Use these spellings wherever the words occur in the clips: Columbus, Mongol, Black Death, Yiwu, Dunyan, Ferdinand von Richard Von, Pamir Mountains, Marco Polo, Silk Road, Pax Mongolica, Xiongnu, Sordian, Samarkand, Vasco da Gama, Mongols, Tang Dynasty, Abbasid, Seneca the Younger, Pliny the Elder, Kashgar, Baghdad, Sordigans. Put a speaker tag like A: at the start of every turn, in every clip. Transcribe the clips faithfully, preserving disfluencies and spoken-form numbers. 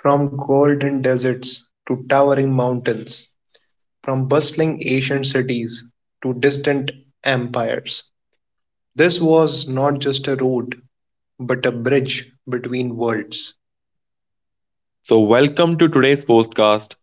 A: From golden deserts to towering mountains, from bustling Asian cities to distant empires, this was not just a road but a bridge between worlds.
B: So, welcome to today's podcast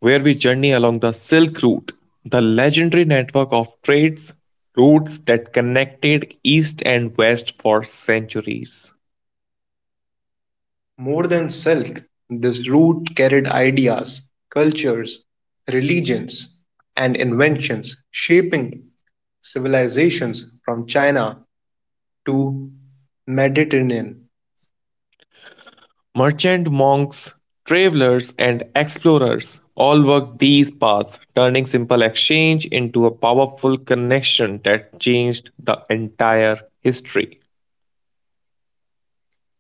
B: where we journey along the Silk Route, the legendary network of trades routes that connected East and West for centuries.
A: More than silk, this route carried ideas, cultures, religions, and inventions shaping civilizations from China to Mediterranean.
B: Merchant monks, travelers, and explorers all worked these paths, turning simple exchange into a powerful connection that changed the entire history.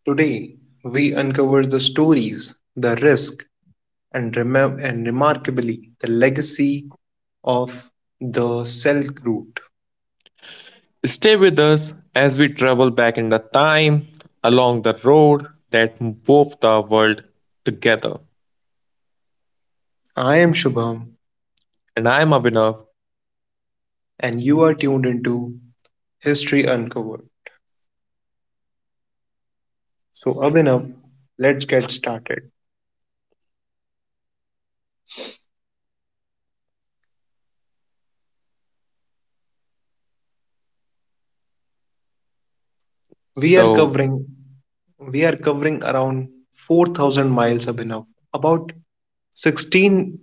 A: Today, we uncover the stories, the risk, And remem and remarkably, the legacy of the Silk Route.
B: Stay with us as we travel back in the time along the road that wove the world together.
A: I am Shubham,
B: And I'm Abhinav.
A: and you are tuned into History Uncovered. So, Abhinav, let's get started. We are
B: So,
A: covering we are covering around four thousand miles, Abhinav, about sixteen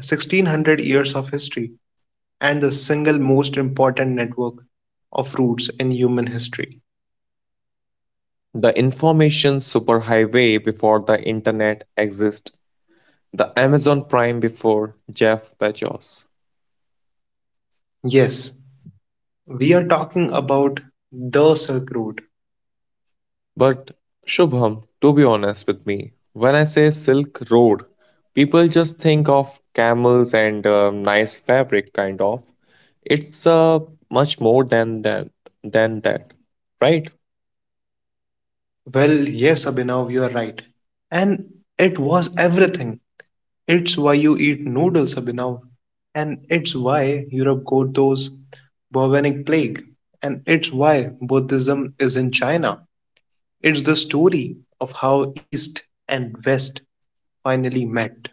A: sixteen hundred years of history, and the single most important network of routes in human history.
B: the information superhighway before the internet exists, the Amazon Prime before Jeff Bezos.
A: Yes, we are talking about the Silk Road.
B: But Shubham, to be honest with me, when I say Silk Road, people just think of camels and uh, nice fabric, kind of. It's uh, much more than that, than that, right?
A: Well, yes, Abhinav, you are right. And it was everything. It's why you eat noodles, Abhinav. And it's why Europe got those bubonic plague. And it's why Buddhism is in China. It's the story of how East and West finally met.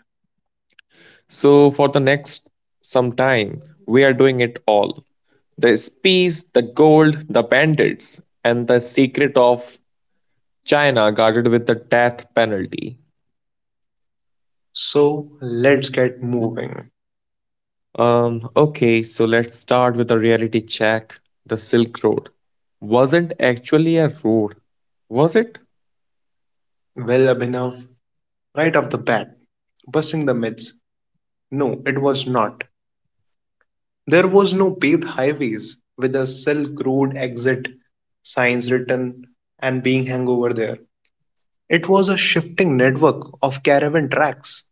B: So for the next some time, we are doing it all. The peace, the gold, the bandits, and the secret of China guarded with the death penalty.
A: So let's get moving.
B: Um, okay, so let's start with a reality check. The Silk Road wasn't actually a road, was it?
A: Well, Abhinav, right off the bat, busting the myths. No, it was not. There was no paved highways with a Silk Road exit signs written and being hung over there. It was a shifting network of caravan tracks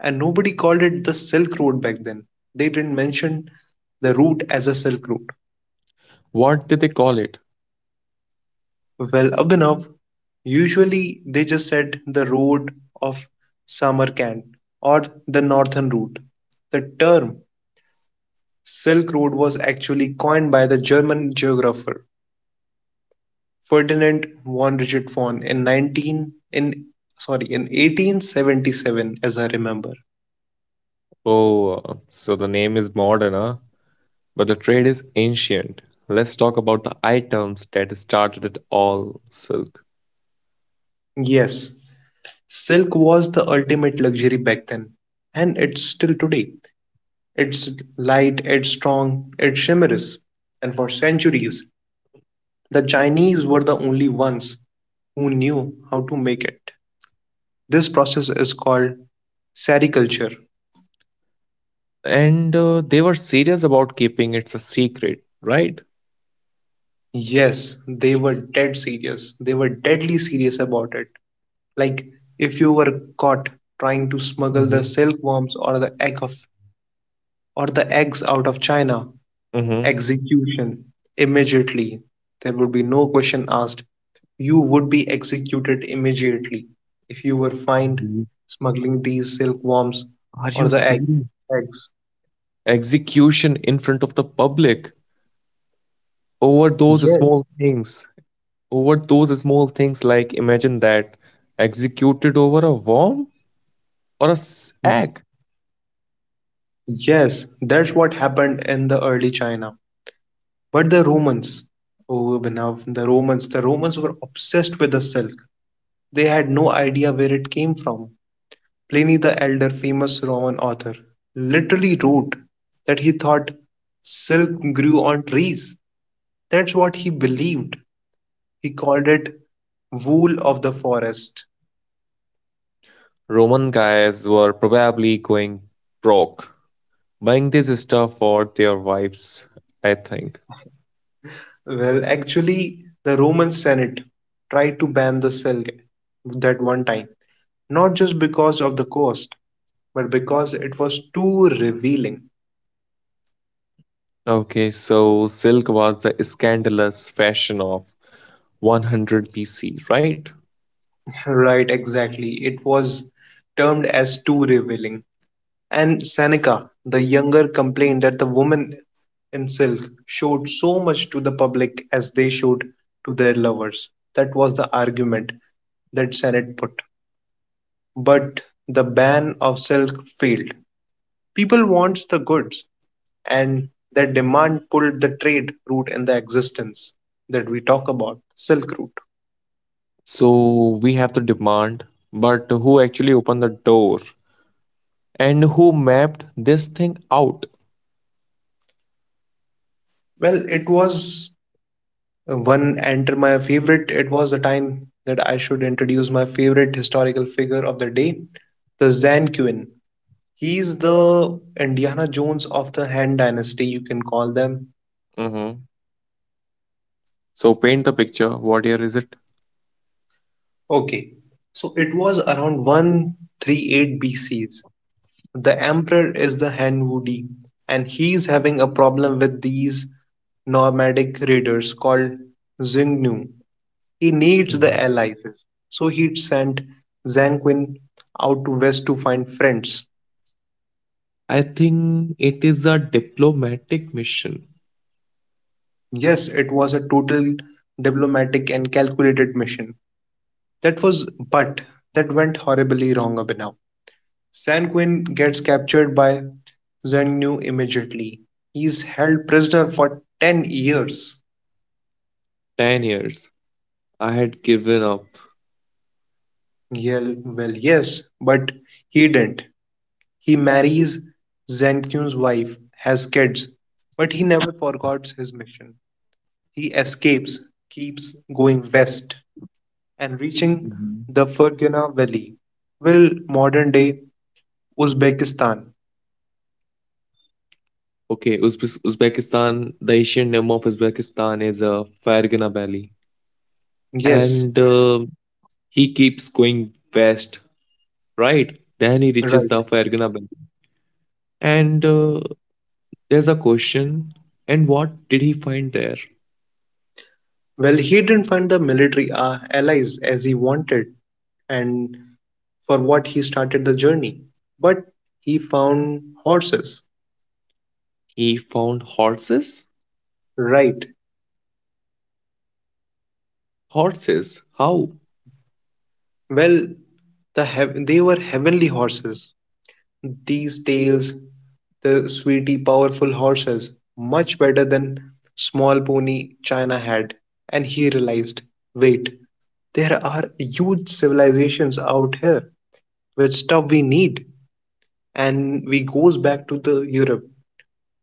A: and nobody called it the Silk Road back then. They didn't mention the route as a Silk Road.
B: What did they call it?
A: Well, Abhinav, usually they just said the road of Samarkand or the northern route. The term Silk Road was actually coined by the German geographer Ferdinand von Richard Von in nineteen in sorry, in eighteen seventy-seven as I remember.
B: Oh, uh, so the name is modern, huh? But the trade is ancient. Let's talk about the items that started it all, Silk.
A: Yes, silk was the ultimate luxury back then, and it's still today. It's light, it's strong, it shimmers, and for centuries the Chinese were the only ones who knew how to make it. This process is called sericulture.
B: And uh, they were serious about keeping it's a secret, right?
A: Yes, they were dead serious. They were deadly serious about it. Like if you were caught trying to smuggle the
B: Mhm.
A: silkworms or the egg of or the eggs out of China,
B: Mm-hmm.
A: execution immediately. There would be no question asked. You would be executed immediately if you were fined smuggling these silkworms
B: Are
A: or
B: you
A: the egg,
B: serious?
A: eggs.
B: Execution in front of the public over those
A: Yes,
B: small things. Over those small things, like imagine that, executed over a worm or a s- egg.
A: yes, that's what happened in the early China. But the Romans, oh Abhinav, the Romans, the Romans were obsessed with the silk. They had no idea where it came from. Pliny the Elder, famous Roman author, literally wrote that he thought silk grew on trees. That's what he believed. He called it wool of the forest.
B: Roman guys were probably going broke buying this stuff for their wives, I think.
A: Well, actually, the Roman Senate tried to ban the silk that one time, not just because of the cost, but because it was too revealing.
B: Okay, so silk was the scandalous fashion of one hundred B C, right?
A: Right, exactly. It was termed as too revealing. And Seneca the Younger complained that the women in silk showed so much to the public as they showed to their lovers. That was the argument that Senate put. But the ban of silk failed. People wants the goods, and their demand pulled the trade route in the existence that we talk about, silk route.
B: So we have the demand, but who actually opened the door and who mapped this thing out?
A: Well, it was one enter my favorite it was the time that I should introduce my favorite historical figure of the day, the Zan Quinn. He's the Indiana Jones of the Han Dynasty, you can call them.
B: Mhm. So paint the picture. What year is it?
A: Okay, so it was around one thirty-eight bcs. The emperor is the Han Wudi, and he's having a problem with these nomadic raiders called Xiongnu. He needs the allies, so he sent Zanquin out to west to find friends.
B: I think it is a diplomatic mission.
A: Yes, it was a total diplomatic and calculated mission. That was, but that went horribly wrong, Abhinav. Sanquin gets captured by Zanyu immediately. He's held prisoner for ten years.
B: ten years. I had given up.
A: Yeah, well, yes, but he didn't. He marries Zankyun's wife, has kids, but he never forgets his mission. He escapes, keeps going west, and reaching
B: Mhm.
A: the Fergana Valley. Well, modern day Uzbekistan.
B: Okay, Uzbek- Uzbekistan, the Asian name of Uzbekistan is uh, Fergana Valley. And uh,
A: Yes,
B: he keeps going west, right? Then he reaches the
A: right.
B: Fergana Valley. And uh, there's a question. And what did he find there?
A: Well, he didn't find the military uh, allies as he wanted and for what he started the journey, but he found horses.
B: He found horses?
A: Right.
B: Horses? How?
A: Well, the heav- they were heavenly horses. These tales the sweaty, powerful horses, much better than small pony China had, and he realized, wait, there are huge civilizations out here with stuff we need. And we goes back to the Europe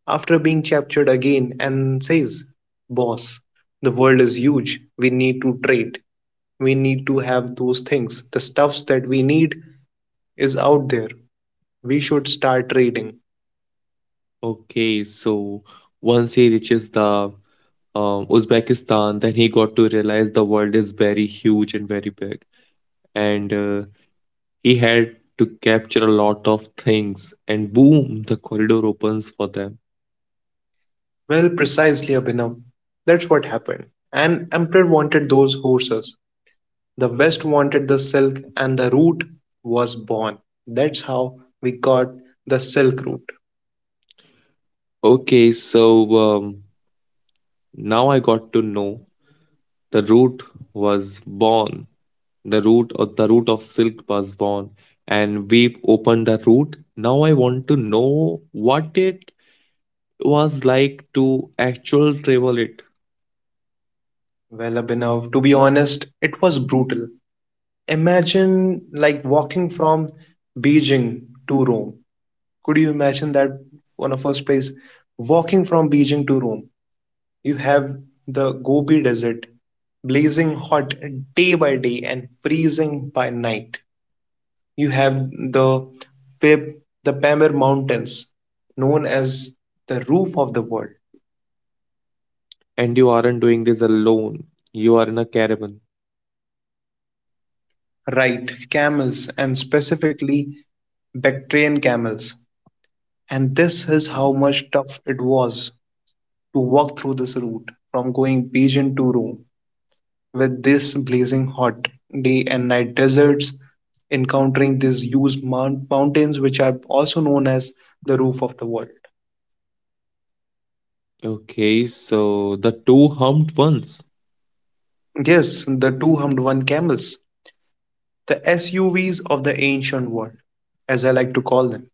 A: after being captured again and says, boss, the world is huge. We need to trade. We need to have those things. The stuffs that we need is out there. We should start trading.
B: Okay, so once he reaches the um, Uzbekistan, then he got to realize the world is very huge and very big. And uh, he had to capture a lot of things, and boom, the corridor opens for them.
A: Well, precisely, Abhinav. That's what happened. And Emperor wanted those horses. The West wanted the silk, and the route was born. That's how we got the silk route.
B: Okay, so um, now I got to know the route was born. The route or the route of silk was born, and we've opened the route. Now I want to know what it was like to actual travel it.
A: Well, Abhinav, to be honest, it was brutal. Imagine like walking from Beijing to Rome. Could you imagine that on a first place? Walking from Beijing to Rome, you have the Gobi Desert, blazing hot day by day and freezing by night. You have the Fab, the Pamir Mountains, known as the roof of the world,
B: And you aren't doing this alone. You are in a caravan.
A: right? Camels, and specifically Bactrian camels. And this is how much tough it was to walk through this route from going Beijing to Rome with this blazing hot day and night deserts, encountering these huge mount- mountains, which are also known as the roof of the world.
B: Okay, so the two humped ones.
A: Yes, the two hummed one camels, the S U Vs of the ancient world, as I like to call them.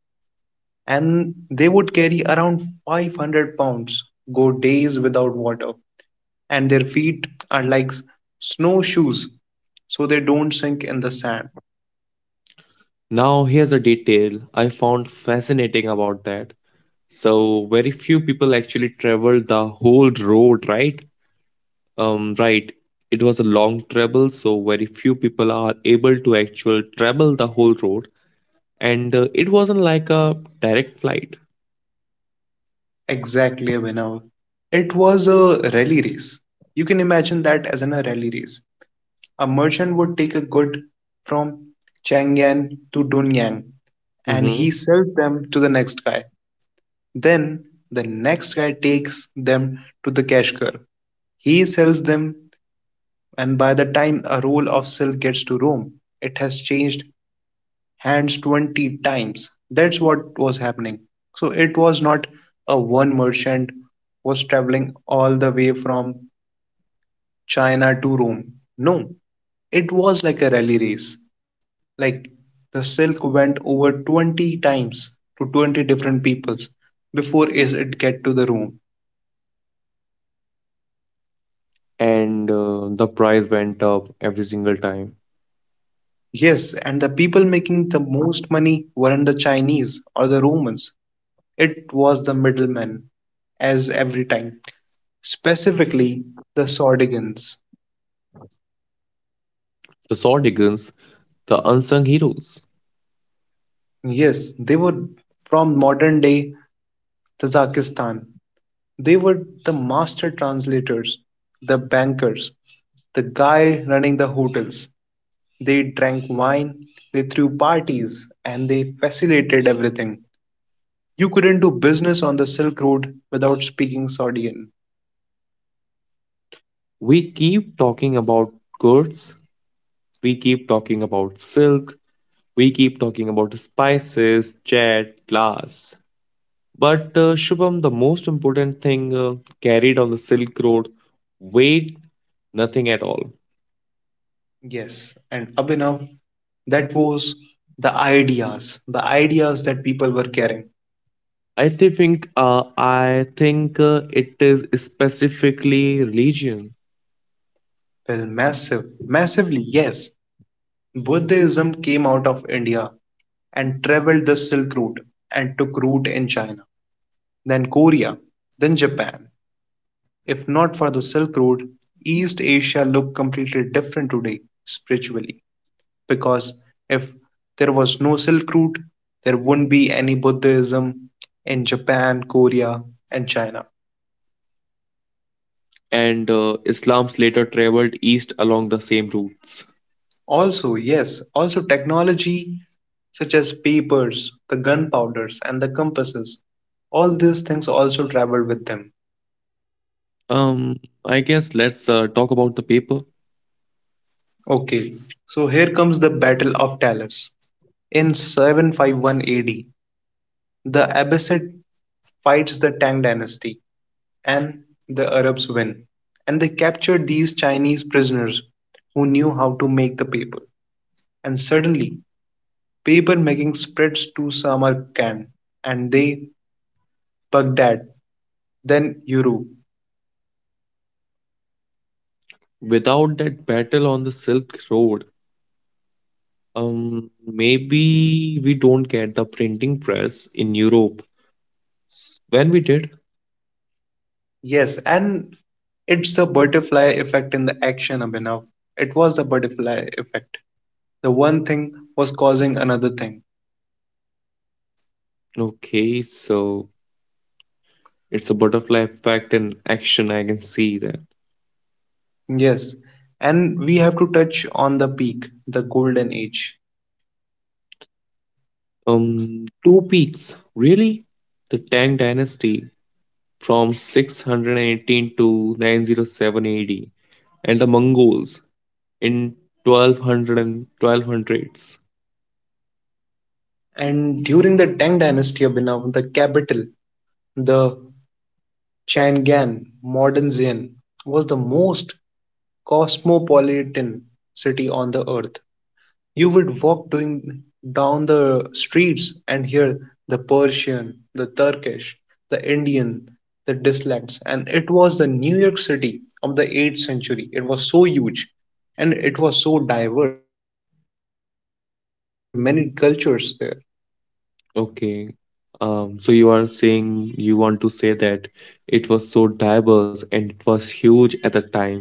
A: And they would carry around five hundred pounds, go days without water, and their feet are like snowshoes so they don't sink in the sand.
B: Now, here's a detail I found fascinating about that. So, very few people actually traveled the whole road, right? Um, right. It was a long travel, so very few people are able to actually travel the whole road. And uh, it wasn't like a direct flight.
A: Exactly, Abhinav. It was a rally race. You can imagine that as in a rally race. A merchant would take a good from Chang'an to Dunyan and he
B: Mm-hmm.
A: sells them to the next guy. Then the next guy takes them to the Kashgar. He sells them, and by the time a roll of silk gets to Rome, it has changed hands twenty times. That's what was happening. So it was not a one merchant was traveling all the way from China to Rome. No, it was like a rally race. Like the silk went over twenty times to twenty different peoples before it get to the Rome.
B: And uh, the price went up every single time.
A: Yes, and the people making the most money weren't the Chinese or the Romans. It was the middlemen, as every time, specifically the Sordigans.
B: The Saw Diggins, the unsung heroes.
A: Yes, they were from modern day Kazakhstan. They were the master translators, the bankers, the guy running the hotels. They drank wine, they threw parties, and they facilitated everything. You couldn't do business on the Silk Road without speaking Sordian.
B: We keep talking about goods, we keep talking about silk, we keep talking about spices, jet, glass. But uh, Shubham, the most important thing uh, carried on the Silk Road, weight, nothing at all.
A: Yes, and Abhinav, that was the ideas, the ideas that people were carrying.
B: I thi- think uh, I think uh, it is specifically religion.
A: Well, massive, massively, yes. Buddhism came out of India and traveled the Silk Route and took root in China, then Korea, then Japan. If not for the Silk Road, East Asia looked completely different today spiritually. Because if there was no Silk Route, there wouldn't be any Buddhism in Japan, Korea, and China.
B: and uh, Islam's later traveled east along the same routes.
A: Also, yes, also technology such as papers, the gunpowders, and the compasses. All these things also traveled with them.
B: Um, I guess let's uh, talk about the paper.
A: Okay, so here comes the Battle of Talas. In seven fifty-one A D, the Abbasid fights the Tang dynasty and the Arabs win. And they captured these Chinese prisoners who knew how to make the paper. And suddenly, paper making spreads to Samarkand and they Baghdad then Yuru.
B: Without that battle on the Silk Road, um, maybe we don't get the printing press in Europe. S- When we did,
A: Yes, and it's the butterfly effect in the action, Abhinav. It was the butterfly effect. The one thing was causing another thing.
B: okay, so it's a butterfly effect in action. I can see that.
A: Yes, and we have to touch on the peak, the golden age.
B: Um, two peaks, really? The Tang Dynasty from six hundred eighteen to nine oh seven A D and the Mongols in twelve hundred and twelve hundreds.
A: And during the Tang dynasty, Abhinav, the capital, the Chang'an, modern Xi'an, was the most cosmopolitan city on the earth. You would walk doing down the streets and hear the Persian, the Turkish, the Indian, the dialects, and it was the New York City of the eighth century. It was so huge and it was so diverse. There were many cultures there.
B: Okay, um, so you are saying you want to say that it was so diverse and it was huge at the time,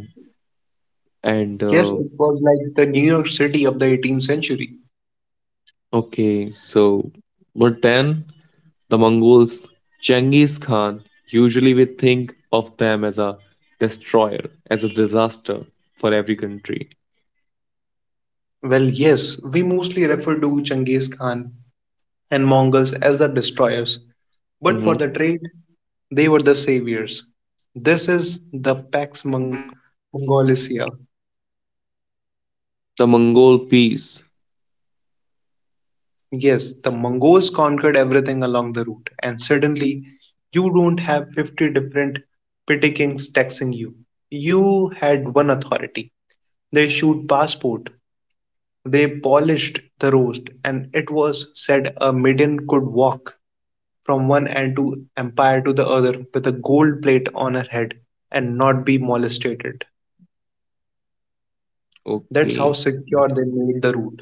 B: and
A: Yes,
B: uh,
A: it was like the New York City of the eighteenth century.
B: okay, so but then the Mongols, Genghis Khan, usually we think of them as a destroyer, as a disaster for every country.
A: Well, yes, we mostly refer to Genghis Khan and Mongols as the destroyers, but for the
B: Mhm.
A: trade, they were the saviors. This is the Pax Mong- Mongolica.
B: The Mongol peace.
A: Yes, the Mongols conquered everything along the route, and suddenly you don't have fifty different petty kings taxing you. You had one authority. They issued passport, they polished the road, and it was said a maiden could walk from one end of empire to the other with a gold plate on her head and not be molested. That's how
B: Okay.
A: secure they made the route.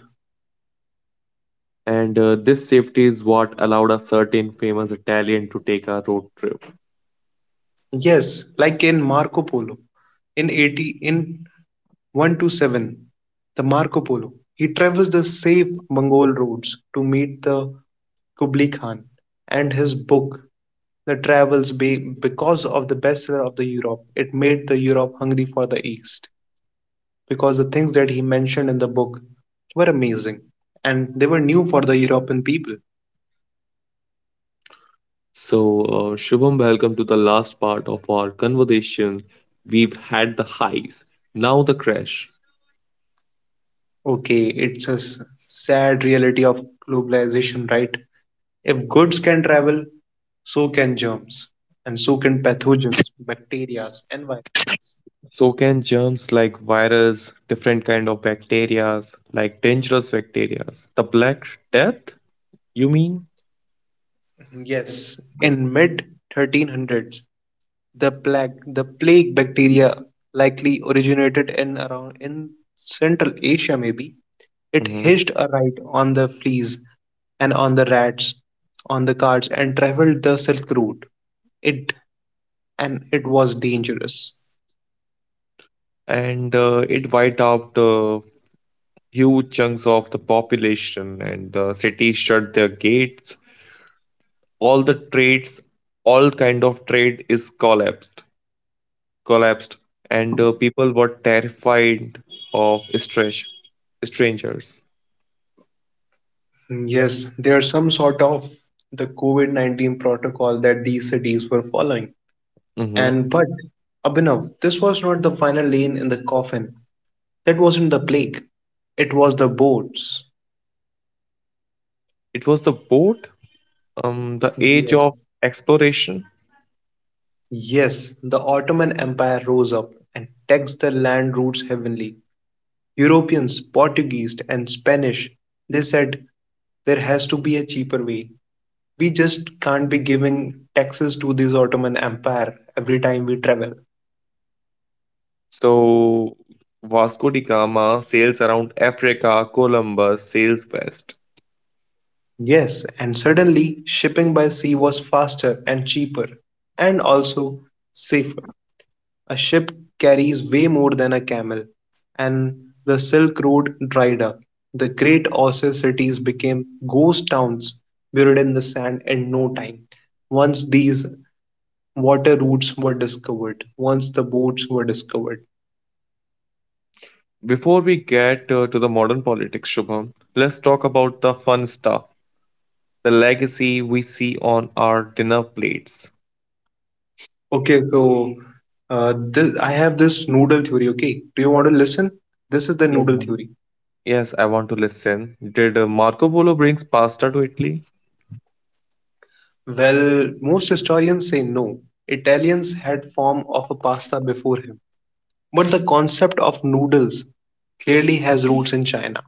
B: And uh, this safety is what allowed a certain famous Italian to take a road trip.
A: Yes, like in Marco Polo. In eighty in one twenty-seven, the Marco Polo. He travels the safe Mongol roads to meet the Kublai Khan and his book The Travels be, because of the bestseller of the Europe. It made the Europe hungry for the East because the things that he mentioned in the book were amazing and they were new for the European people.
B: So, uh, Shubham, welcome to the last part of our conversation. We've had the highs, now the crash.
A: Okay, it's a s- sad reality of globalization, right? If goods can travel, so can germs, and so can pathogens, bacteria, and viruses.
B: So, can germs like virus, different kind of bacteria, like dangerous bacteria, the Black Death, you mean?
A: Yes, in mid thirteen hundreds, the plague, the plague bacteria likely originated in around in Central Asia. Maybe it
B: Mhm.
A: hitched a ride on the fleas and on the rats, on the cards, and traveled the Silk Route. It and it was dangerous.
B: And uh, it wiped out uh, huge chunks of the population, and the cities shut their gates, all the trades, all kind of trade is collapsed collapsed, and uh, people were terrified of strange strangers.
A: Yes, there's some sort of the COVID nineteen protocol that these cities were following.
B: Hmm.
A: And but Abhinav, this was not the final lane in the coffin. That wasn't the plague. It was the boats.
B: It was the boat, um the age
A: Yes.
B: of exploration.
A: Yes, the Ottoman Empire rose up and taxed the land routes heavenly. Europeans, Portuguese, and Spanish, they said there has to be a cheaper way. We just can't be giving taxes to this Ottoman Empire every time we travel.
B: So Vasco da Gama sails around Africa, Columbus sails west.
A: Yes, and suddenly shipping by sea was faster and cheaper and also safer. A ship carries way more than a camel, and the Silk Road dried up. The great ocean cities became ghost towns buried in the sand in no time. Once these water routes were discovered, once the boats were discovered.
B: Before we get uh, to the modern politics, Shubham, let's talk about the fun stuff, the legacy we see on our dinner plates.
A: Okay, so uh, this, I have this noodle theory. Okay, do you want to listen? This is the
B: Yeah.
A: noodle theory.
B: Yes, I want to listen. Did uh, Marco Polo brings pasta to Italy?
A: Well, most historians say no. Italians had form of a pasta before him. But the concept of noodles clearly has roots in China.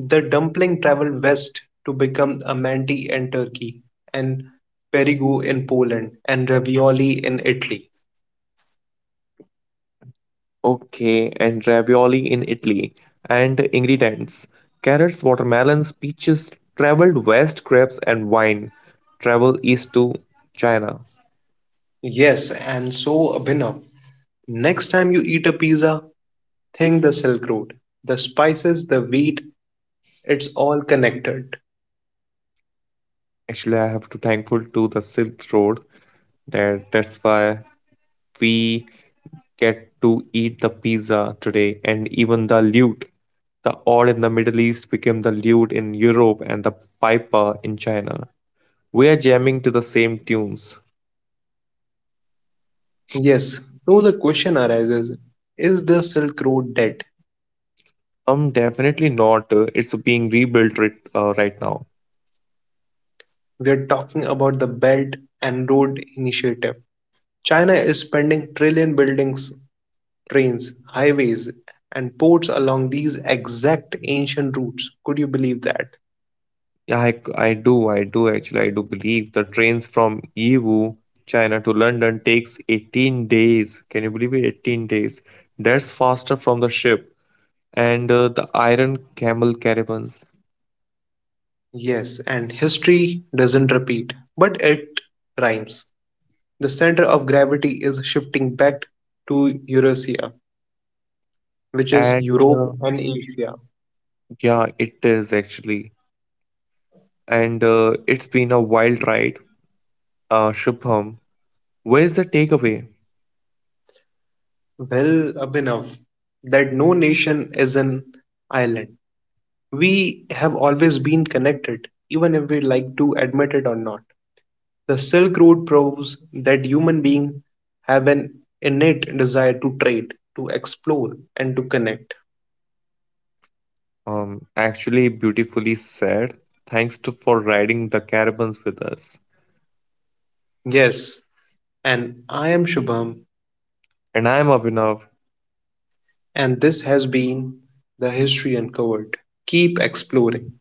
A: The dumpling traveled west to become a manti in Turkey and perigo in Poland and ravioli in Italy.
B: Okay, and ravioli in Italy. And ingredients, carrots, watermelons, peaches, traveled west, crabs, and wine. Travel east to China.
A: Yes, and so Abhinav. Next time you eat a pizza, think the Silk Road. The spices, the wheat, it's all connected.
B: Actually, I have to thankful to the Silk Road, that that's why we get to eat the pizza today and even the lute. The odd in the Middle East became the lute in Europe and the piper in China. We are jamming to the same tunes.
A: Yes, so the question arises, is the Silk Road dead?
B: Um, definitely not. Uh, It's being rebuilt right, uh, right now.
A: We are talking about the Belt and Road Initiative. China is spending trillion buildings, trains, highways, and ports along these exact ancient routes. Could you believe that?
B: Yeah, I, I do, I do actually, I do believe the trains from Yiwu, China to London takes eighteen days. Can you believe it? eighteen days. That's faster from the ship and uh, the Iron Camel caravans.
A: Yes, and history doesn't repeat, but it rhymes. The center of gravity is shifting back to Eurasia, which is
B: And
A: Europe
B: uh,
A: and Asia.
B: yeah, it is actually. And uh, it's been a wild ride. Uh, Shubham, where's the takeaway?
A: Well, Abhinav, that no nation is an island. We have always been connected, even if we like to admit it or not. The Silk Road proves that human beings have an innate desire to trade, to explore, and to connect.
B: Um, actually, beautifully said. Thanks to for riding the caravans with us.
A: Yes, and I am Shubham,
B: And I am Abhinav.
A: and this has been the History Uncovered. Keep exploring.